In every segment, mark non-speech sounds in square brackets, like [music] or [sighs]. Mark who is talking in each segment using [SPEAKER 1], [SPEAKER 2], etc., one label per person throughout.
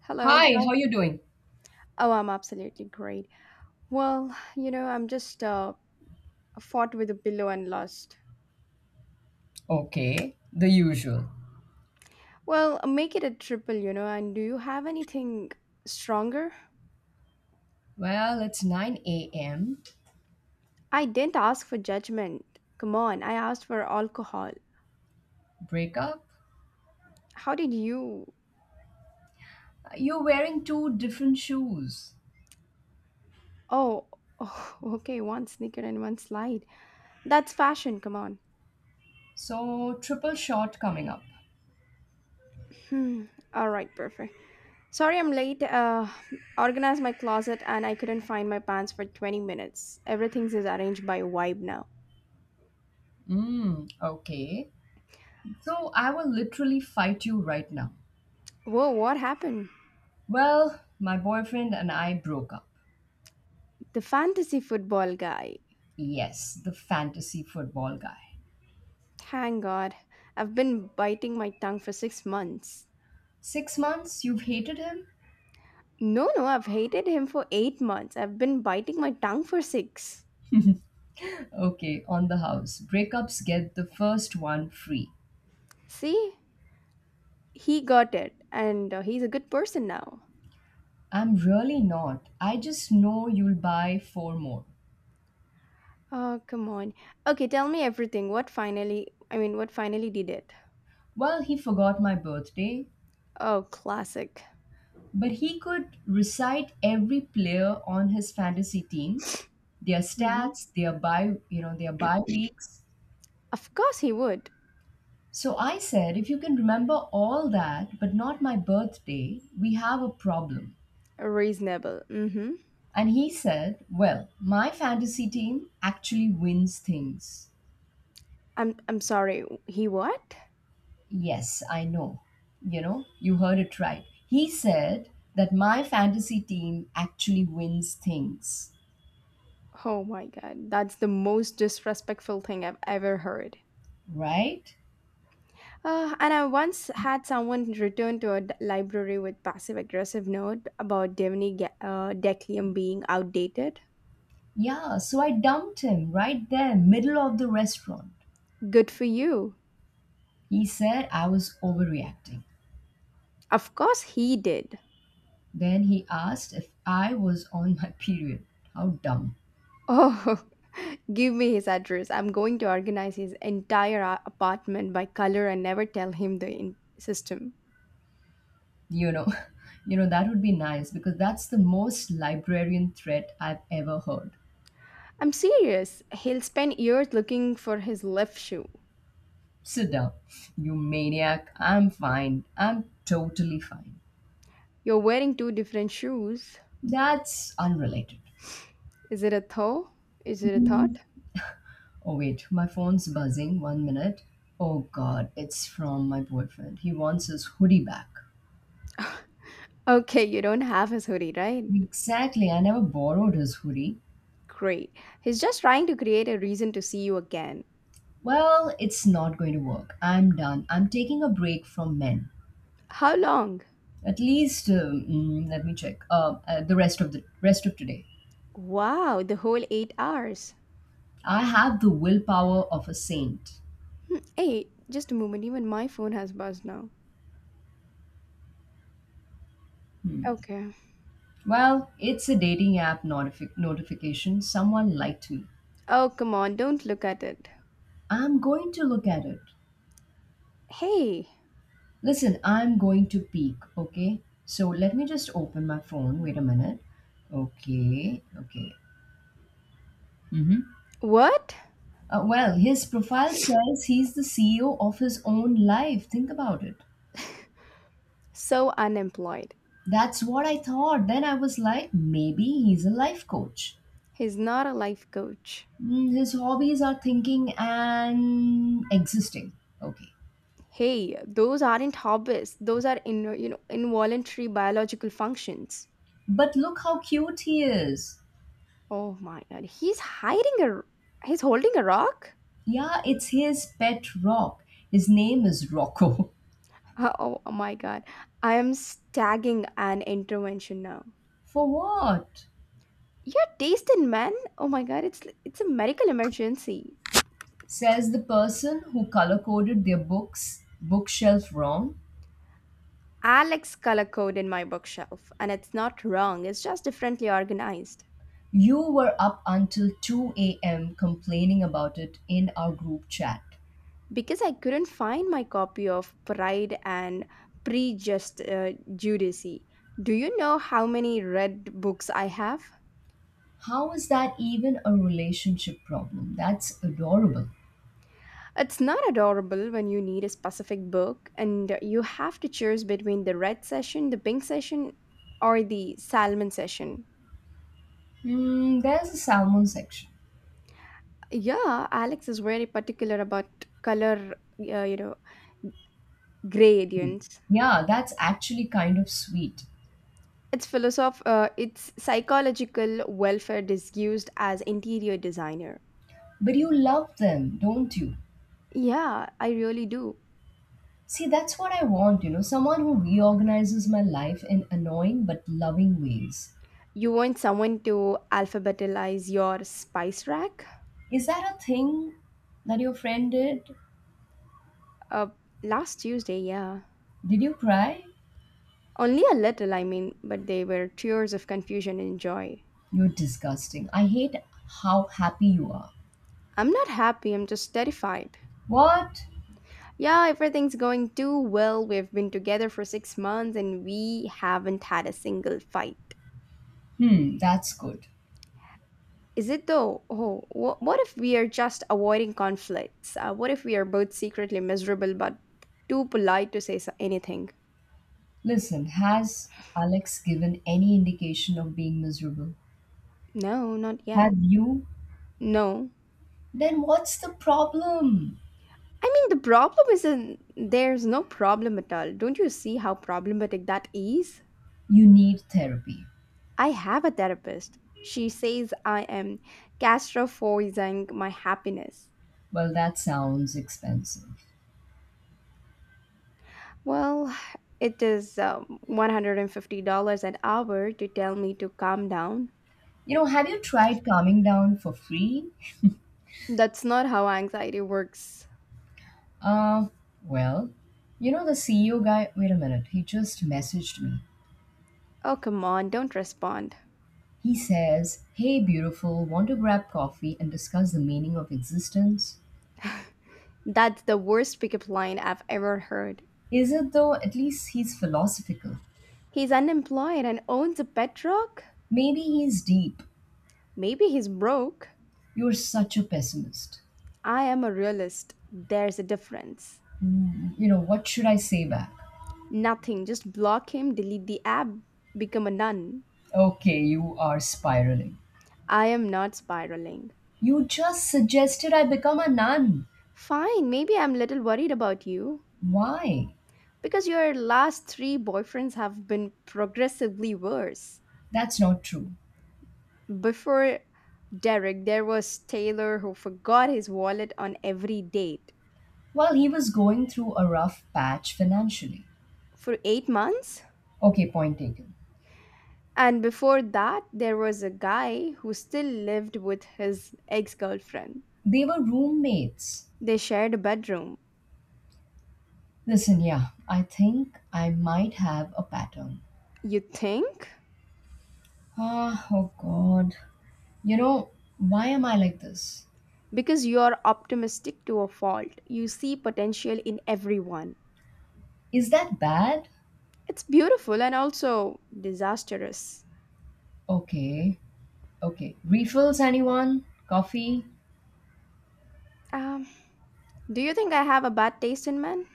[SPEAKER 1] Hello.
[SPEAKER 2] Hi,
[SPEAKER 1] How?
[SPEAKER 2] how you doing?
[SPEAKER 1] Oh, I'm absolutely great. Well, you know, I'm just fought with a pillow and lost.
[SPEAKER 2] Okay, the usual.
[SPEAKER 1] Well, make it a triple, you know. And do you have anything stronger?
[SPEAKER 2] Well, it's 9 a.m.
[SPEAKER 1] I didn't ask for judgment. Come on, I asked for alcohol.
[SPEAKER 2] Breakup.
[SPEAKER 1] How did you?
[SPEAKER 2] You're wearing two different shoes.
[SPEAKER 1] Oh, oh, [laughs] okay. One sneaker and one slide. That's fashion. Come on.
[SPEAKER 2] So, triple shot coming up.
[SPEAKER 1] Hmm. All right. Perfect. Sorry, I'm late. Organized my closet and I couldn't find my pants for 20 minutes. Everything's is arranged by vibe now.
[SPEAKER 2] Okay. So, I will literally fight you right now.
[SPEAKER 1] Whoa, what happened?
[SPEAKER 2] Well, my boyfriend and I broke up.
[SPEAKER 1] The fantasy football guy.
[SPEAKER 2] Yes, the fantasy football guy.
[SPEAKER 1] Thank God. I've been biting my tongue for 6 months.
[SPEAKER 2] 6 months, you've hated him?
[SPEAKER 1] No, no, I've hated him for 8 months. I've been biting my tongue for six.
[SPEAKER 2] Okay, on the house. Breakups get the first one free.
[SPEAKER 1] See? He got it, and he's a good person now.
[SPEAKER 2] I'm really not. I just know you'll buy four more.
[SPEAKER 1] Oh, come on. Okay, tell me everything. What finally, I mean, what finally did it?
[SPEAKER 2] Well, he forgot my birthday,
[SPEAKER 1] Oh, classic.
[SPEAKER 2] but he could recite every player on his fantasy team, their
[SPEAKER 1] Hmm.
[SPEAKER 2] stats, their bye weeks.
[SPEAKER 1] Of course he would.
[SPEAKER 2] So I said, if you can remember all that, but not my birthday, we have a problem.
[SPEAKER 1] Reasonable. Mm hmm.
[SPEAKER 2] And he said, well, my fantasy team actually wins things.
[SPEAKER 1] I'm sorry. He what?
[SPEAKER 2] Yes, I know. You heard it right. He said that my fantasy team actually wins things,
[SPEAKER 1] Oh my god, that's the most disrespectful thing I've ever heard.
[SPEAKER 2] right?
[SPEAKER 1] And I once had someone return to a library with passive aggressive note about Declium being outdated.
[SPEAKER 2] Yeah, so I dumped him right there, middle of the restaurant.
[SPEAKER 1] Good for you.
[SPEAKER 2] He said I was overreacting.
[SPEAKER 1] Of course he did.
[SPEAKER 2] Then he asked if I was on my [laughs] period. How dumb.
[SPEAKER 1] Oh, [laughs] give me his address. I'm going to organize his entire apartment by color and never tell him the system.
[SPEAKER 2] You know, [laughs] that would be nice because that's the most librarian threat I've ever heard.
[SPEAKER 1] I'm serious. He'll spend years looking for his left shoe.
[SPEAKER 2] Sit down, you maniac. I'm fine. I'm totally fine.
[SPEAKER 1] You're wearing two different shoes.
[SPEAKER 2] That's unrelated.
[SPEAKER 1] Is it a thought? Is it a thought?
[SPEAKER 2] Mm, Oh, wait, my phone's buzzing. One minute. Oh, God, it's from my boyfriend. He wants his hoodie back.
[SPEAKER 1] Okay, you don't have his hoodie, right?
[SPEAKER 2] Exactly, I never borrowed his hoodie.
[SPEAKER 1] Great. He's just trying to create a reason to see you again.
[SPEAKER 2] Well, it's not going to work. I'm done. I'm taking a break from men.
[SPEAKER 1] How long?
[SPEAKER 2] At least, let me check. The rest of today,
[SPEAKER 1] Wow, the whole 8 hours.
[SPEAKER 2] I have the willpower of a saint.
[SPEAKER 1] Hey, just a moment. Even my phone has buzzed now. Okay.
[SPEAKER 2] Well, it's a dating app notification. Someone liked me.
[SPEAKER 1] Oh, come on. Don't look at it.
[SPEAKER 2] I'm going to look at it.
[SPEAKER 1] Hey,
[SPEAKER 2] Listen, I'm going to peek, okay? So let me just open my phone. Wait a minute. Okay, okay. Hmm.
[SPEAKER 1] what?
[SPEAKER 2] Well, his profile says he's the CEO of his own life. Think about it.
[SPEAKER 1] So unemployed.
[SPEAKER 2] That's what I thought. Then I was like, maybe he's a life coach.
[SPEAKER 1] He's not a life coach.
[SPEAKER 2] His hobbies are thinking and existing. Okay.
[SPEAKER 1] Hey, those aren't hobbies. Those are involuntary biological functions.
[SPEAKER 2] But look how cute he is.
[SPEAKER 1] Oh my god, he's holding a rock? [laughs]
[SPEAKER 2] Yeah, it's his pet rock. His name is Rocco.
[SPEAKER 1] Oh, oh my god. I am stagging an intervention now.
[SPEAKER 2] [laughs] For what?
[SPEAKER 1] You're tasting man. Oh my god, it's a medical emergency.
[SPEAKER 2] Says the person who color coded their book's bookshelf wrong.
[SPEAKER 1] Alex color code in my bookshelf and it's not wrong, it's just differently organized.
[SPEAKER 2] You were up until 2 a.m. complaining about it in our group chat.
[SPEAKER 1] Because I couldn't find my copy of Pride and Prejust Judice. Do you know how many red books I have?
[SPEAKER 2] How is that even a relationship problem? That's adorable.
[SPEAKER 1] It's not adorable when you need a specific book and you have to choose between the red session, the pink session, or the salmon session.
[SPEAKER 2] There's a salmon section.
[SPEAKER 1] Yeah, Alex is very particular about color, you know, gradients.
[SPEAKER 2] Yeah, that's actually kind of sweet.
[SPEAKER 1] It's philosoph. It's psychological welfare disused as interior designer.
[SPEAKER 2] But you love them, don't you?
[SPEAKER 1] Yeah, I really do.
[SPEAKER 2] See, that's what I want, someone who reorganizes my life in annoying but loving ways.
[SPEAKER 1] You want someone to alphabetize your spice rack?
[SPEAKER 2] Is that a thing that your friend did?
[SPEAKER 1] Uh, Last Tuesday, yeah.
[SPEAKER 2] Did you cry?
[SPEAKER 1] Only a little, I mean, but they were tears of confusion and joy.
[SPEAKER 2] You're disgusting. I hate how happy you are.
[SPEAKER 1] I'm not happy, I'm just terrified.
[SPEAKER 2] What?
[SPEAKER 1] Yeah, everything's going too well. We've been together for 6 months and we haven't had a single fight.
[SPEAKER 2] That's good.
[SPEAKER 1] Is it though? Oh, what if we are just avoiding conflicts? What if we are both secretly miserable but too polite to say anything?
[SPEAKER 2] Listen, has Alex given any indication of being miserable?
[SPEAKER 1] No, not
[SPEAKER 2] Have
[SPEAKER 1] yet.
[SPEAKER 2] you?
[SPEAKER 1] No.
[SPEAKER 2] Then what's the problem?
[SPEAKER 1] I mean, the problem isn't there's no problem at all. Don't you see how problematic that is?
[SPEAKER 2] You need therapy.
[SPEAKER 1] I have a therapist. She says I am gastrophobizing my happiness.
[SPEAKER 2] Well, that sounds expensive.
[SPEAKER 1] Well, it is $150 an hour to tell me to calm down.
[SPEAKER 2] Have you tried calming down for free?
[SPEAKER 1] That's not how anxiety works.
[SPEAKER 2] Uh, well, the CEO guy, wait a minute, he just messaged me.
[SPEAKER 1] Oh, come on, don't respond.
[SPEAKER 2] He says, hey, beautiful, want to grab coffee and discuss the meaning of existence?
[SPEAKER 1] That's the worst pickup line I've ever heard.
[SPEAKER 2] Is it though? At least he's philosophical.
[SPEAKER 1] He's unemployed and owns a pet rock?
[SPEAKER 2] Maybe he's deep.
[SPEAKER 1] Maybe he's broke.
[SPEAKER 2] You're such a pessimist.
[SPEAKER 1] I am a realist. There's a difference.
[SPEAKER 2] What should I say back?
[SPEAKER 1] Nothing. Just block him, delete the app, become a nun.
[SPEAKER 2] Okay, you are spiraling.
[SPEAKER 1] I am not spiraling.
[SPEAKER 2] You just suggested I become a nun.
[SPEAKER 1] Fine, maybe I'm a little worried about you
[SPEAKER 2] Why?
[SPEAKER 1] because your last three boyfriends have been progressively worse.
[SPEAKER 2] That's not true.
[SPEAKER 1] Before Derek, there was Taylor who forgot his wallet on every date
[SPEAKER 2] Well, he was going through a rough patch financially.
[SPEAKER 1] for 8 months.
[SPEAKER 2] Okay, point taken.
[SPEAKER 1] And before that, there was a guy who still lived with his ex girlfriend.
[SPEAKER 2] They were roommates.
[SPEAKER 1] They shared a bedroom.
[SPEAKER 2] Listen, yeah, I think I might have a pattern.
[SPEAKER 1] You think?
[SPEAKER 2] Ah, oh God. You know, why am I like this?
[SPEAKER 1] Because you're optimistic to a fault. You see potential in everyone.
[SPEAKER 2] Is that bad?
[SPEAKER 1] It's beautiful and also disastrous.
[SPEAKER 2] Okay, okay. Refills, anyone? Coffee?
[SPEAKER 1] Um, do you think I have a bad taste in men?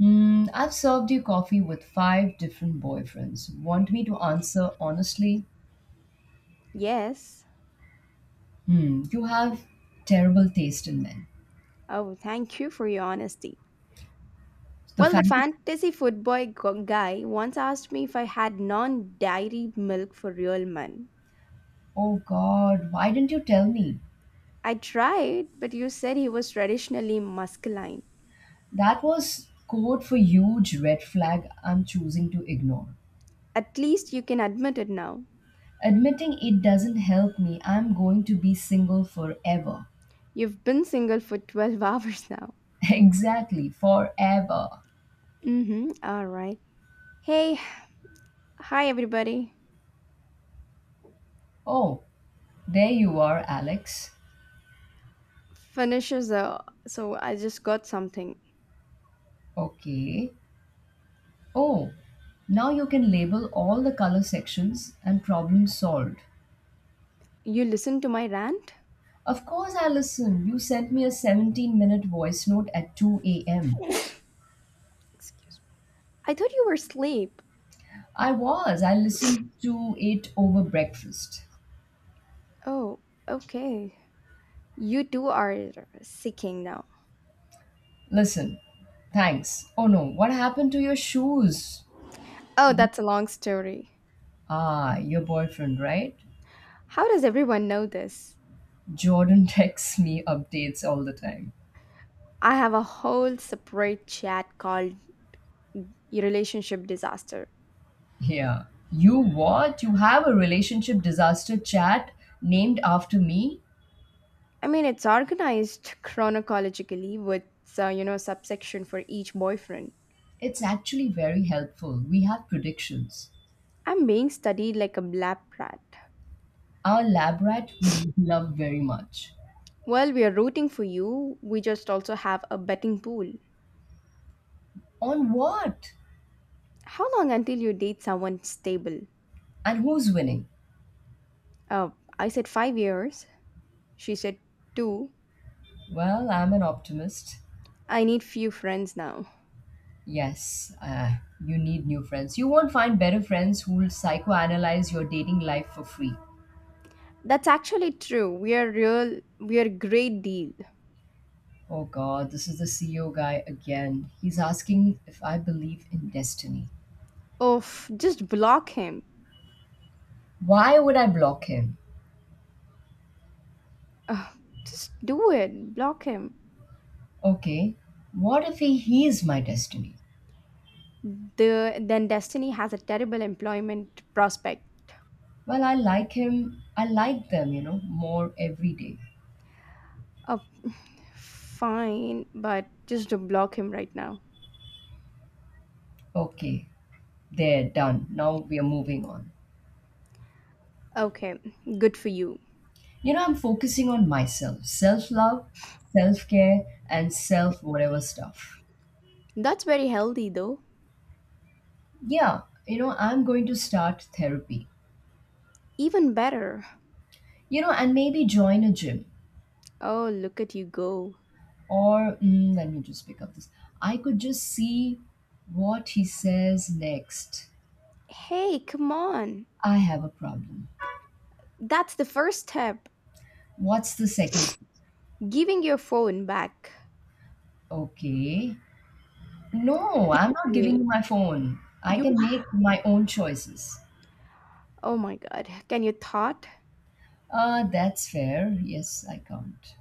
[SPEAKER 2] I've served you coffee with five different boyfriends. Want me to answer honestly?
[SPEAKER 1] Yes.
[SPEAKER 2] You have terrible taste in men.
[SPEAKER 1] Oh, thank you for your honesty.
[SPEAKER 2] The
[SPEAKER 1] Well, the
[SPEAKER 2] fantasy.
[SPEAKER 1] fantasy guy once asked me if I had non dairy milk for real men.
[SPEAKER 2] Oh God, why didn't you tell me?
[SPEAKER 1] I tried, but you said he was traditionally masculine.
[SPEAKER 2] That was code for huge red flag I'm choosing to ignore.
[SPEAKER 1] At least you can admit it now.
[SPEAKER 2] Admitting it doesn't help me. I'm going to be single forever.
[SPEAKER 1] You've been single for 12 [laughs] hours now.
[SPEAKER 2] Exactly, forever.
[SPEAKER 1] Mm-hmm. All right. Hey, hi everybody.
[SPEAKER 2] Oh, there you are, Alex.
[SPEAKER 1] Finishes. So I just got something.
[SPEAKER 2] Okay. Oh, now you can label all the color sections and problem solved.
[SPEAKER 1] You listened to my rant?
[SPEAKER 2] Of course, Allison, you sent me a 17-minute voice note at 2 a.m.
[SPEAKER 1] I thought you were asleep.
[SPEAKER 2] I was. I listened to it over breakfast.
[SPEAKER 1] Oh, okay. You two are seeking now.
[SPEAKER 2] Listen, thanks. Oh no, what happened to your shoes?
[SPEAKER 1] Oh, that's a long story.
[SPEAKER 2] Ah, your boyfriend, right?
[SPEAKER 1] How does everyone know this?
[SPEAKER 2] Jordan [laughs] texts me updates all the time.
[SPEAKER 1] I have a whole separate chat called Relationship Disaster.
[SPEAKER 2] Yeah. You what? You have a relationship disaster chat named after me?
[SPEAKER 1] I mean, it's organized chronologically with, you know, subsection for each boyfriend.
[SPEAKER 2] It's actually very helpful. We have predictions.
[SPEAKER 1] I'm being studied like a lab rat.
[SPEAKER 2] Our lab rat we love very much.
[SPEAKER 1] Well, we are rooting for you. We just also have a betting pool.
[SPEAKER 2] On what?
[SPEAKER 1] How long until you date someone stable?
[SPEAKER 2] And who's winning?
[SPEAKER 1] Uh, I said 5 years. She said two.
[SPEAKER 2] Well, I'm an optimist.
[SPEAKER 1] I need few friends now.
[SPEAKER 2] Yes, you need new friends. You won't find better friends who'll psychoanalyze your dating life for free.
[SPEAKER 1] That's actually true. We are real. We are great deal.
[SPEAKER 2] Oh God, this is the CEO guy again. He's asking if I believe in destiny.
[SPEAKER 1] Oh, just block him.
[SPEAKER 2] Why would I block him?
[SPEAKER 1] Ugh, just do it. Block him.
[SPEAKER 2] Okay, what if he is my destiny?
[SPEAKER 1] Then destiny has a terrible employment prospect.
[SPEAKER 2] Well, I like him, I like them, more every day.
[SPEAKER 1] Oh, fine, but just to block him right now.
[SPEAKER 2] Okay, there, done. Now we are moving on.
[SPEAKER 1] Okay, good for you.
[SPEAKER 2] I'm focusing on myself, self love, self care, and self whatever stuff.
[SPEAKER 1] That's very healthy though.
[SPEAKER 2] Yeah, I'm going to start therapy,
[SPEAKER 1] Even better.
[SPEAKER 2] and maybe join a gym.
[SPEAKER 1] Oh, look at you go.
[SPEAKER 2] Or let me just pick up this. I could just see what he says next.
[SPEAKER 1] Hey, come on.
[SPEAKER 2] I have a problem.
[SPEAKER 1] That's the first step,
[SPEAKER 2] What's the second?
[SPEAKER 1] giving your phone back.
[SPEAKER 2] Okay. No, I'm
[SPEAKER 1] Give
[SPEAKER 2] not giving
[SPEAKER 1] me.
[SPEAKER 2] you my phone. I
[SPEAKER 1] You
[SPEAKER 2] can make my own choices.
[SPEAKER 1] Oh my god. Can you thought?
[SPEAKER 2] That's fair. Yes, I can't.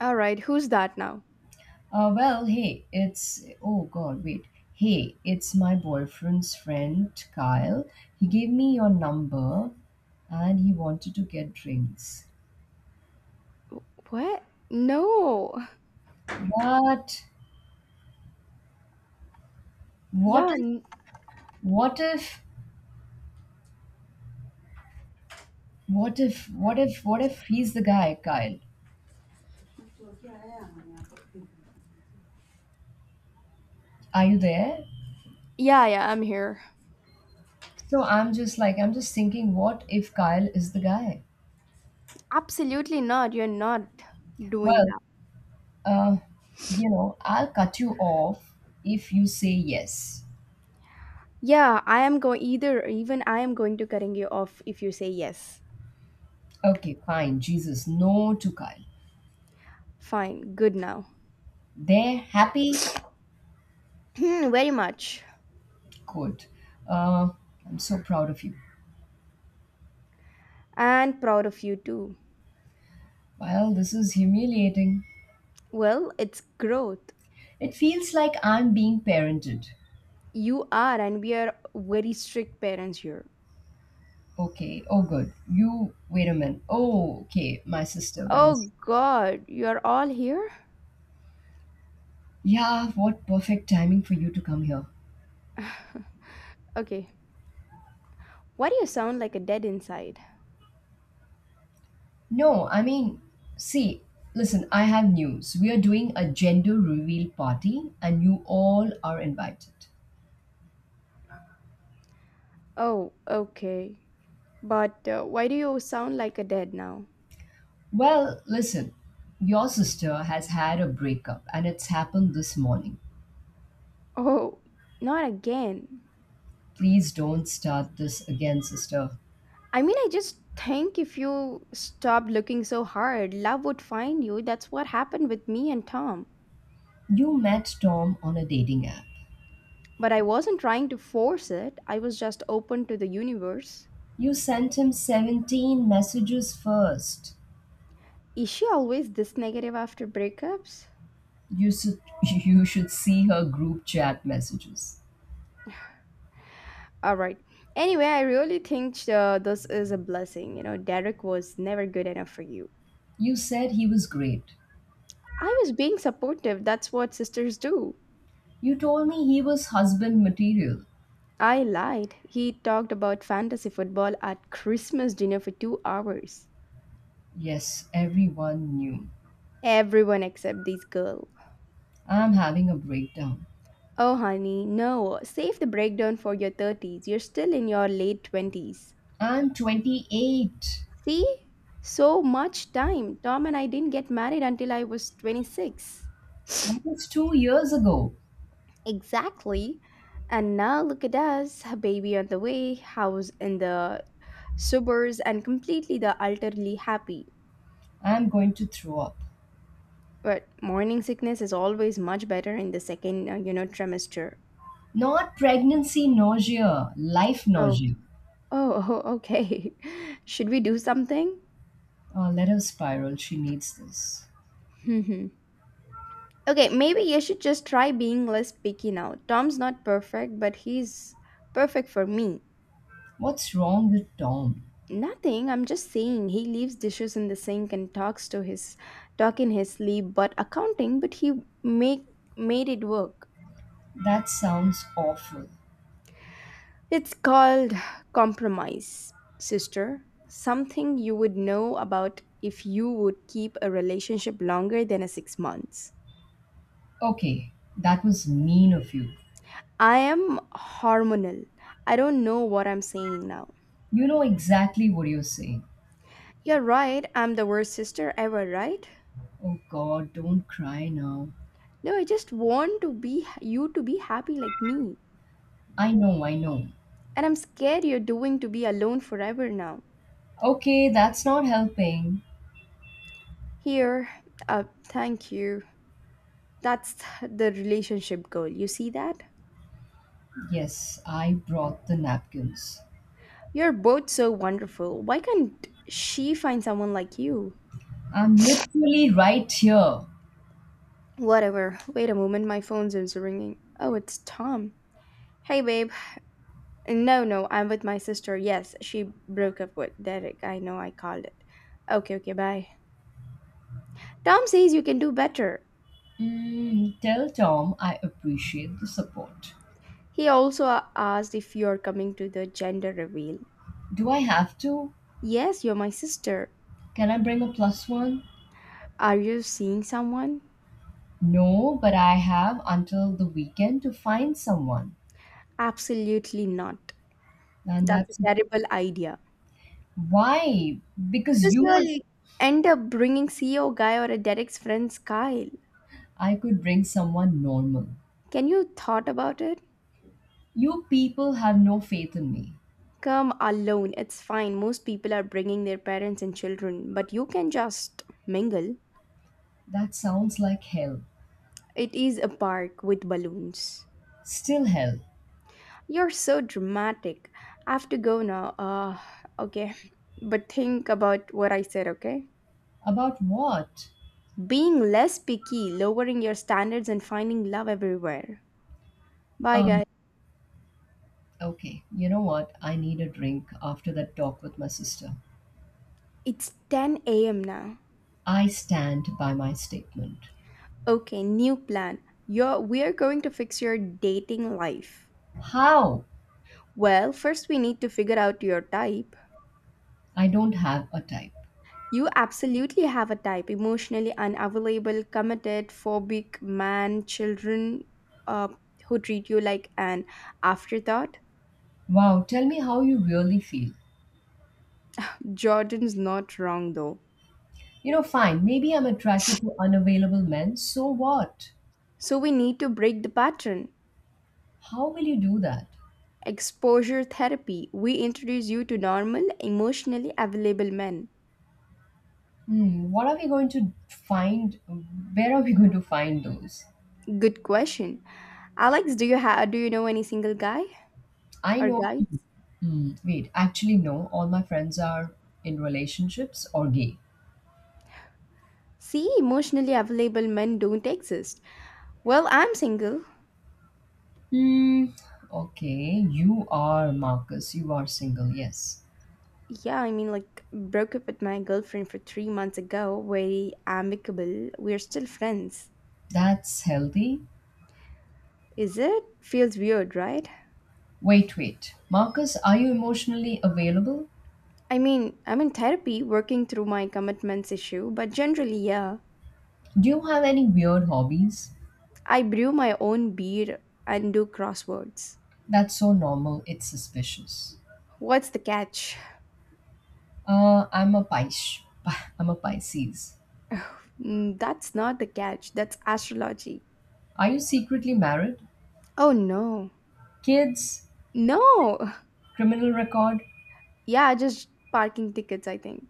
[SPEAKER 1] All right, who's that now?
[SPEAKER 2] Well, hey, it's. Oh, God, wait. Hey, it's my boyfriend's friend, Kyle. He gave me your number and he wanted to get drinks.
[SPEAKER 1] What? No.
[SPEAKER 2] But what
[SPEAKER 1] Yeah,
[SPEAKER 2] if, what if, what if he's the guy, Kyle? Are you there?
[SPEAKER 1] yeah, I'm here.
[SPEAKER 2] So I'm just thinking, what if Kyle is the guy?
[SPEAKER 1] Absolutely not. You're not doing
[SPEAKER 2] Well,
[SPEAKER 1] that.
[SPEAKER 2] uh, I'll cut you off if you say yes.
[SPEAKER 1] Yeah, I am going either even I am going to cutting you off if you say yes.
[SPEAKER 2] Okay, fine. Jesus, no to Kyle.
[SPEAKER 1] Fine. Good now. [clears throat]
[SPEAKER 2] They're happy?
[SPEAKER 1] Hmm, very much.
[SPEAKER 2] Good. Uh, I'm so proud of you.
[SPEAKER 1] And proud of you too.
[SPEAKER 2] Well, this is humiliating.
[SPEAKER 1] Well, it's growth.
[SPEAKER 2] It feels like I'm being parented.
[SPEAKER 1] You are and we are very strict parents here.
[SPEAKER 2] Okay, oh, good. Wait a minute. Oh, okay, my sister, Venice.
[SPEAKER 1] Oh god, you're all here?
[SPEAKER 2] Yeah, what perfect timing for you to come here.
[SPEAKER 1] [sighs] okay. Why do you sound like a dead inside?
[SPEAKER 2] No, I mean, see, listen, I have news. We are doing a gender reveal party and you all are invited.
[SPEAKER 1] Oh, okay. But why do you sound like a dead now?
[SPEAKER 2] Well, listen, your sister has had a breakup and it's happened this morning.
[SPEAKER 1] Oh, not again.
[SPEAKER 2] Please don't start this again, sister.
[SPEAKER 1] I mean, I just think if you stopped looking so hard, love would find you. That's what happened with me and Tom.
[SPEAKER 2] You met Tom on a dating app.
[SPEAKER 1] But I wasn't trying to force it, I was just open to the universe.
[SPEAKER 2] You sent him 17 messages first.
[SPEAKER 1] Is she always this negative after breakups?
[SPEAKER 2] You should, [laughs] you should see her group chat messages.
[SPEAKER 1] All right. Anyway, I really think this is a blessing. You know, Derek was never good enough for you.
[SPEAKER 2] You said he was great.
[SPEAKER 1] I was being supportive. That's what sisters do.
[SPEAKER 2] You told me he was husband material.
[SPEAKER 1] I lied. He talked about fantasy football at Christmas dinner for 2 hours.
[SPEAKER 2] Yes, everyone knew.
[SPEAKER 1] Everyone except this girl.
[SPEAKER 2] I'm having a breakdown.
[SPEAKER 1] Oh, honey, no. Save the breakdown for your 30s. You're still in your late 20s.
[SPEAKER 2] I'm 28.
[SPEAKER 1] See? So much time. Tom and I didn't get married until I was 26.
[SPEAKER 2] That was 2 years ago.
[SPEAKER 1] Exactly. And now look at us, a baby on the way, house in the suburbs, and completely the utterly happy.
[SPEAKER 2] I'm going to throw up.
[SPEAKER 1] But morning sickness is always much better in the second, you know, trimester.
[SPEAKER 2] Not pregnancy nausea, life
[SPEAKER 1] Oh,
[SPEAKER 2] nausea.
[SPEAKER 1] oh, oh, okay. [laughs] Should we do something?
[SPEAKER 2] Let her spiral. She needs this.
[SPEAKER 1] Hmm. Okay, maybe you should just try being less picky now. Tom's not perfect, but he's perfect for me.
[SPEAKER 2] What's wrong with Tom?
[SPEAKER 1] Nothing. I'm just saying he leaves dishes in the sink and talk in his sleep, but accounting, but he make made it work.
[SPEAKER 2] That sounds awful.
[SPEAKER 1] It's called compromise, sister. Something you would know about if you would keep a relationship longer than a 6 months.
[SPEAKER 2] Okay, that was mean of you.
[SPEAKER 1] I am hormonal. I don't know what I'm saying now.
[SPEAKER 2] You know exactly what you're saying.
[SPEAKER 1] You're right. I'm the worst sister ever, right?
[SPEAKER 2] Oh God, don't cry now.
[SPEAKER 1] No, I just want to be you to be happy like me.
[SPEAKER 2] I know, I know.
[SPEAKER 1] And I'm scared you're doing to be alone forever now.
[SPEAKER 2] Okay, that's not helping.
[SPEAKER 1] Here, thank you. That's the relationship goal. You see that?
[SPEAKER 2] Yes, I brought the napkins.
[SPEAKER 1] You're both so wonderful. Why can't she find someone like you?
[SPEAKER 2] I'm literally right here.
[SPEAKER 1] Whatever. Wait a moment, my phone's is ringing. Oh, it's Tom. Hey, babe. No, no, I'm with my sister. Yes, she broke up with Derek. I know I called it. Okay, okay, bye. Tom says you can do better.
[SPEAKER 2] Tell Tom I appreciate the support.
[SPEAKER 1] He also asked if you're coming to the gender reveal.
[SPEAKER 2] Do I have to?
[SPEAKER 1] Yes, you're my sister.
[SPEAKER 2] Can I bring a plus one?
[SPEAKER 1] Are you seeing someone?
[SPEAKER 2] No, but I have until the weekend to find someone.
[SPEAKER 1] Absolutely not.
[SPEAKER 2] And
[SPEAKER 1] That's a
[SPEAKER 2] that's it.
[SPEAKER 1] terrible idea.
[SPEAKER 2] Why? Because
[SPEAKER 1] Because
[SPEAKER 2] you will.
[SPEAKER 1] you'll end up bringing CEO guy or a Derek's friend's Kyle.
[SPEAKER 2] I could bring someone normal.
[SPEAKER 1] Can you thought about it?
[SPEAKER 2] You people have no faith in me.
[SPEAKER 1] Come alone. It's fine. Most people are bringing their parents and children, but you can just mingle.
[SPEAKER 2] That sounds like hell.
[SPEAKER 1] It is a park with balloons.
[SPEAKER 2] Still hell.
[SPEAKER 1] You're so dramatic. I have to go now. Okay. But think about what I said, okay?
[SPEAKER 2] About what?
[SPEAKER 1] Being less picky, lowering your standards, and finding love everywhere. Bye,
[SPEAKER 2] A
[SPEAKER 1] guys.
[SPEAKER 2] Okay, you know what? I need a drink after that talk with my sister.
[SPEAKER 1] It's 10 a.m. now.
[SPEAKER 2] I stand by my statement.
[SPEAKER 1] Okay, new plan. You're, we are going to fix your dating life.
[SPEAKER 2] How?
[SPEAKER 1] Well, first we need to figure out your type.
[SPEAKER 2] I don't have a type.
[SPEAKER 1] You absolutely have a type emotionally unavailable, committed, phobic, man, children uh, who treat you like an afterthought.
[SPEAKER 2] Wow, tell me how you really feel.
[SPEAKER 1] Jordan's not wrong though.
[SPEAKER 2] Fine, maybe I'm attracted to unavailable men, so what?
[SPEAKER 1] So we need to break the pattern.
[SPEAKER 2] How will you do that?
[SPEAKER 1] Exposure therapy. We introduce you to normal, emotionally available men.
[SPEAKER 2] What are we going to find? Where are we going to find those?
[SPEAKER 1] Good question. Alex, do you do you know any single guy
[SPEAKER 2] I
[SPEAKER 1] or
[SPEAKER 2] know.
[SPEAKER 1] guys?
[SPEAKER 2] Wait, actually, no, all my friends are in relationships or gay.
[SPEAKER 1] See, emotionally available men don't exist. Well, I'm single.
[SPEAKER 2] Hmm. Okay, you are Marcus. You are single. Yes,
[SPEAKER 1] Yeah, I mean, like, broke up with my girlfriend for 3 months ago. Very amicable. We're still friends.
[SPEAKER 2] that's healthy.
[SPEAKER 1] Is it? Feels weird, right?
[SPEAKER 2] Wait, wait, Marcus, are you emotionally available?
[SPEAKER 1] I mean, I'm in therapy, working through my commitments issue, but generally, yeah.
[SPEAKER 2] Do you have any weird hobbies?
[SPEAKER 1] I brew my own beer and do crosswords.
[SPEAKER 2] That's so normal. It's suspicious.
[SPEAKER 1] What's the catch?
[SPEAKER 2] I'm a Pis. [laughs] I'm a Pisces.
[SPEAKER 1] Mm, that's not the catch. That's astrology.
[SPEAKER 2] Are you secretly married?
[SPEAKER 1] Oh no.
[SPEAKER 2] Kids?
[SPEAKER 1] No. [laughs]
[SPEAKER 2] Criminal record?
[SPEAKER 1] Yeah, just parking tickets, I think.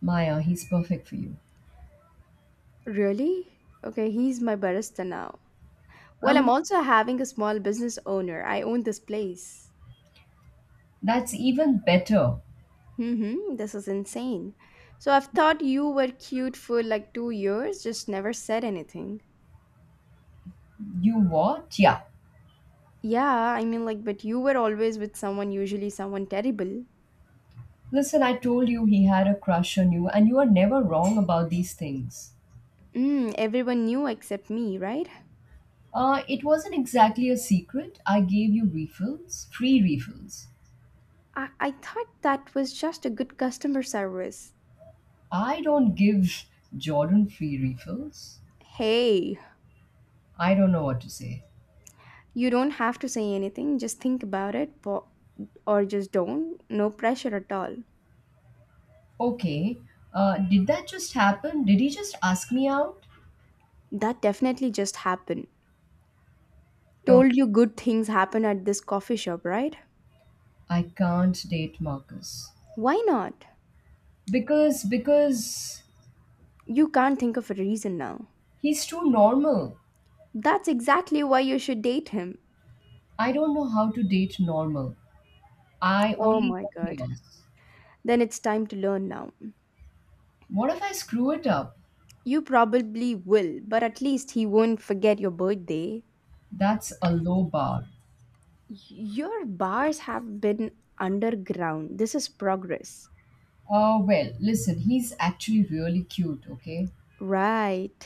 [SPEAKER 2] Maya, he's perfect for you.
[SPEAKER 1] Really? Okay, he's my barista now. Well, I'm
[SPEAKER 2] I'm.
[SPEAKER 1] also having a small business owner. I own this place.
[SPEAKER 2] That's even better.
[SPEAKER 1] Mm-hmm, this is insane. So I've thought you were cute for like 2 years, just never said anything.
[SPEAKER 2] You what? Yeah,
[SPEAKER 1] Yeah, I mean, like, but you were always with someone, usually someone terrible.
[SPEAKER 2] listen, I told you he had a crush on you, and you are never wrong about these things.
[SPEAKER 1] Mm, everyone knew except me, right?
[SPEAKER 2] It wasn't exactly a secret. I gave you refills, free refills.
[SPEAKER 1] I thought that was just a good customer service.
[SPEAKER 2] I don't give Jordan free refills.
[SPEAKER 1] Hey,
[SPEAKER 2] I don't know what to say.
[SPEAKER 1] you don't have to say anything, just think about it, or just don't. No pressure at all.
[SPEAKER 2] Okay, did that just happen? Did he just ask me out?
[SPEAKER 1] That definitely just happened. Told
[SPEAKER 2] Okay,
[SPEAKER 1] you good things happen at this coffee shop, right?
[SPEAKER 2] I can't date Marcus
[SPEAKER 1] Why not?
[SPEAKER 2] because
[SPEAKER 1] You can't think of a reason now.
[SPEAKER 2] he's too normal.
[SPEAKER 1] That's exactly why you should date him.
[SPEAKER 2] I don't know how to date normal. I
[SPEAKER 1] Oh
[SPEAKER 2] only
[SPEAKER 1] my
[SPEAKER 2] know
[SPEAKER 1] god.
[SPEAKER 2] chaos.
[SPEAKER 1] Then it's time to learn now.
[SPEAKER 2] What if I screw it up?
[SPEAKER 1] You probably will, but at least he won't forget your birthday.
[SPEAKER 2] That's a low bar.
[SPEAKER 1] Your bars have been underground. This is progress.
[SPEAKER 2] Oh, well, listen, he's actually really cute, okay?
[SPEAKER 1] Right.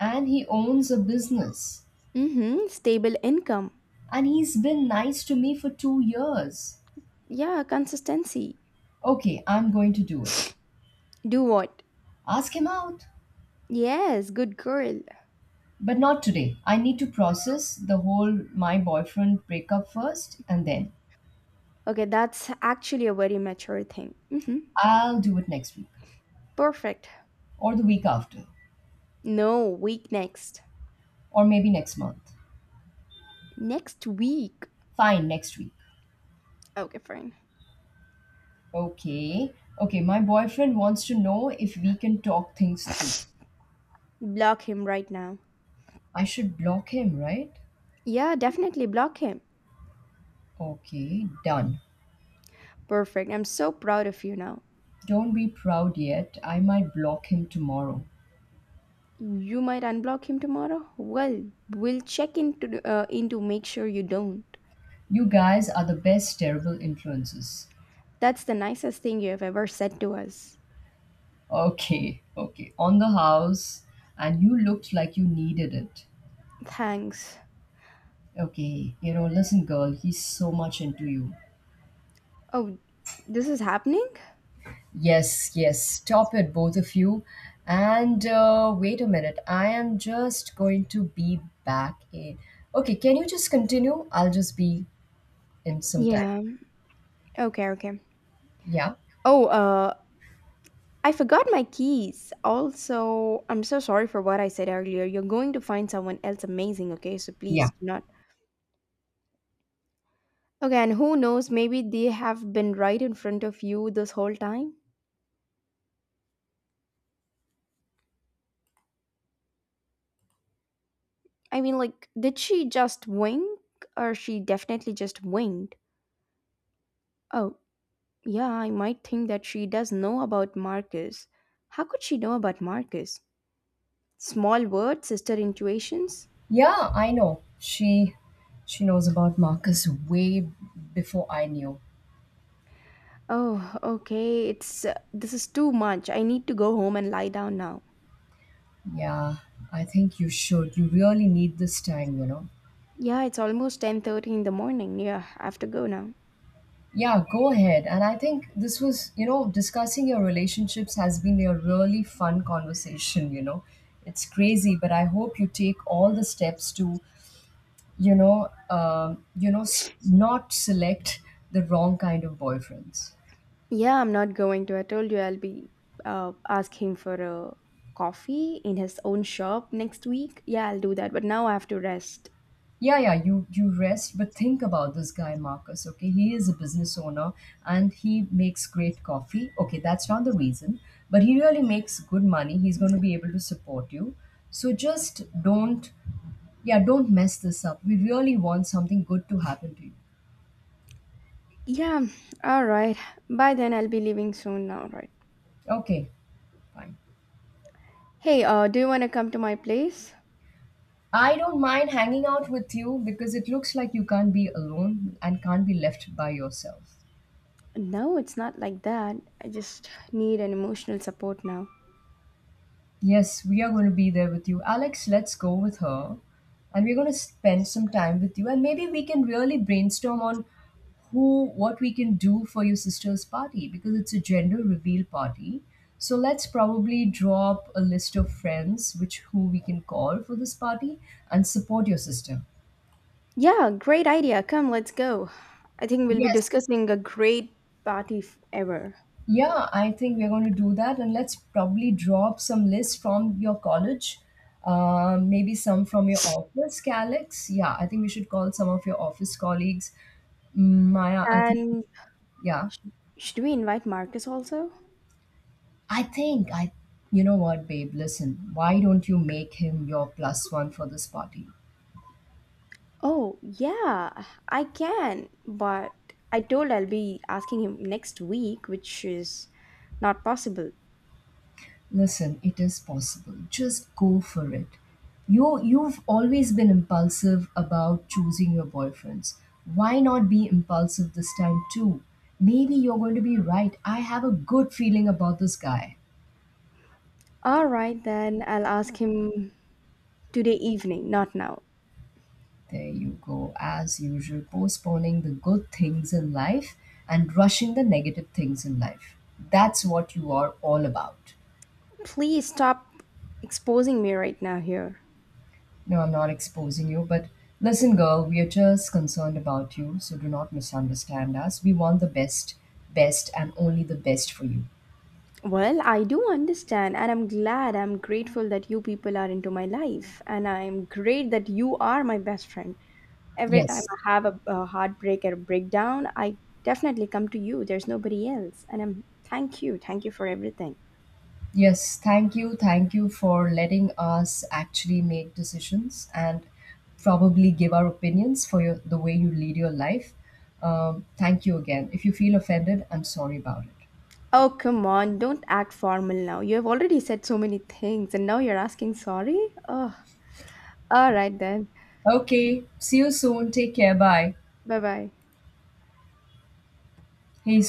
[SPEAKER 2] And he owns a business.
[SPEAKER 1] Mm-hmm. Stable income.
[SPEAKER 2] And he's been nice to me for 2 years.
[SPEAKER 1] Yeah, consistency.
[SPEAKER 2] Okay, I'm going to do it.
[SPEAKER 1] Do what?
[SPEAKER 2] Ask him out.
[SPEAKER 1] Yes, good girl.
[SPEAKER 2] But not today. I need to process the whole my boyfriend breakup first, and then
[SPEAKER 1] Okay, that's actually a very mature thing. Mm-hmm.
[SPEAKER 2] I'll do it next week,
[SPEAKER 1] Perfect.
[SPEAKER 2] or the week after,
[SPEAKER 1] No, week next.
[SPEAKER 2] or maybe next month.
[SPEAKER 1] Next week.
[SPEAKER 2] Fine, next week.
[SPEAKER 1] Okay, fine.
[SPEAKER 2] Okay. Okay, my boyfriend wants to know if we can talk things through.
[SPEAKER 1] Block him right now.
[SPEAKER 2] I should block him, right?
[SPEAKER 1] Yeah, definitely block him.
[SPEAKER 2] Okay, done.
[SPEAKER 1] Perfect. I'm so proud of you now.
[SPEAKER 2] Don't be proud yet. I might block him tomorrow.
[SPEAKER 1] You might unblock him tomorrow? Well, we'll check into in to make sure you don't.
[SPEAKER 2] You guys are the best terrible influences.
[SPEAKER 1] That's the nicest thing you have ever said to us.
[SPEAKER 2] Okay, okay. On the house, and you looked like you needed it.
[SPEAKER 1] Thanks.
[SPEAKER 2] Okay, listen, girl, he's so much into you.
[SPEAKER 1] Oh, this is happening?
[SPEAKER 2] Yes, yes, stop it, both of you. And wait a minute, I am just going to be back in. Okay, can you just continue? I'll just be in some time.
[SPEAKER 1] Yeah. Okay, okay.
[SPEAKER 2] Yeah,
[SPEAKER 1] Oh, I forgot my keys. Also, I'm so sorry for what I said earlier. You're going to find someone else amazing, okay? So
[SPEAKER 2] yeah.
[SPEAKER 1] please do not. Okay, and who knows, maybe they have been right in front of you this whole time. I mean, like, did she just wink? Or she definitely just winked? Oh, yeah, I might think that she does know about Marcus. How could she know about Marcus? Small words, sister intuitions?
[SPEAKER 2] Yeah, I know. She knows about Marcus way before I knew.
[SPEAKER 1] Oh, okay, it's this is too much. I need to go home and lie down now.
[SPEAKER 2] Yeah, I think you should. You really need this time.
[SPEAKER 1] Yeah, it's almost 10:30 in the morning. Yeah, I have to go now.
[SPEAKER 2] Yeah, go ahead. And I think this was, discussing your relationships has been a really fun conversation. It's crazy, but I hope you take all the steps to, not select the wrong kind of boyfriends.
[SPEAKER 1] Yeah, I'm not going to. I told you I'll be asking for a coffee in his own shop next week. Yeah, I'll do that, but now I have to rest.
[SPEAKER 2] Yeah, yeah, you rest, but think about this guy Marcus. Okay, he is a business owner and he makes great coffee. Okay, that's not the reason, but he really makes good money. He's going to be able to support you, so just don't, yeah, don't mess this up. We really want something good to happen to you.
[SPEAKER 1] Yeah, all right. By then I'll be leaving soon now, right?
[SPEAKER 2] Okay, fine.
[SPEAKER 1] Hey, do you want to come to my place?
[SPEAKER 2] I don't mind hanging out with you because it looks like you can't be alone and can't be left by yourself.
[SPEAKER 1] No, it's not like that. I just need an emotional support now.
[SPEAKER 2] Yes, we are going to be there with you. Alex, let's go with her. And we're going to spend some time with you. And maybe we can really brainstorm on what we can do for your sister's party because it's a gender reveal party. So let's probably draw up a list of friends which who we can call for this party and support your sister.
[SPEAKER 1] Yeah, great idea. Come, let's go. I think we'll be
[SPEAKER 2] Yes.
[SPEAKER 1] discussing a great party ever.
[SPEAKER 2] Yeah, I think we're going to do that, and let's probably drop some lists from your college, maybe some from your office, Calix. Yeah, I think we should call some of your office colleagues. Maya, I think,
[SPEAKER 1] And
[SPEAKER 2] yeah,
[SPEAKER 1] sh- should we invite Marcus also?
[SPEAKER 2] I think you know what, babe, listen, why don't you make him your plus one for this party?
[SPEAKER 1] Oh, yeah, I can. But I told I'll be asking him next week, which is not possible.
[SPEAKER 2] Listen, it is possible. Just go for it. You've always been impulsive about choosing your boyfriends. Why not be impulsive this time too? Maybe you're going to be right. I have a good feeling about this guy.
[SPEAKER 1] All right, then I'll ask him today evening, not now.
[SPEAKER 2] There you go, as usual, postponing the good things in life and rushing the negative things in life. That's what you are all about.
[SPEAKER 1] Please stop exposing me right now here.
[SPEAKER 2] No, I'm not exposing you, but listen, girl, we are just concerned about you, so do not misunderstand us. We want the best, best, and only the best for you.
[SPEAKER 1] Well, I do understand, and I'm glad, I'm grateful that you people are into my life, and I'm great that you are my best friend. Every time
[SPEAKER 2] Yes.
[SPEAKER 1] I have a heartbreak or a breakdown, I definitely come to you. There's nobody else, and I'm thank you for everything.
[SPEAKER 2] Yes, thank you. Thank you for letting us actually make decisions and probably give our opinions for the way you lead your life. Thank you again. If you feel offended, I'm sorry about it.
[SPEAKER 1] Oh, come on, don't act formal now. You have already said so many things, and now you're asking sorry? Oh, all right then.
[SPEAKER 2] Okay, see you soon. Take care. Bye.
[SPEAKER 1] Bye bye.
[SPEAKER 2] Hey,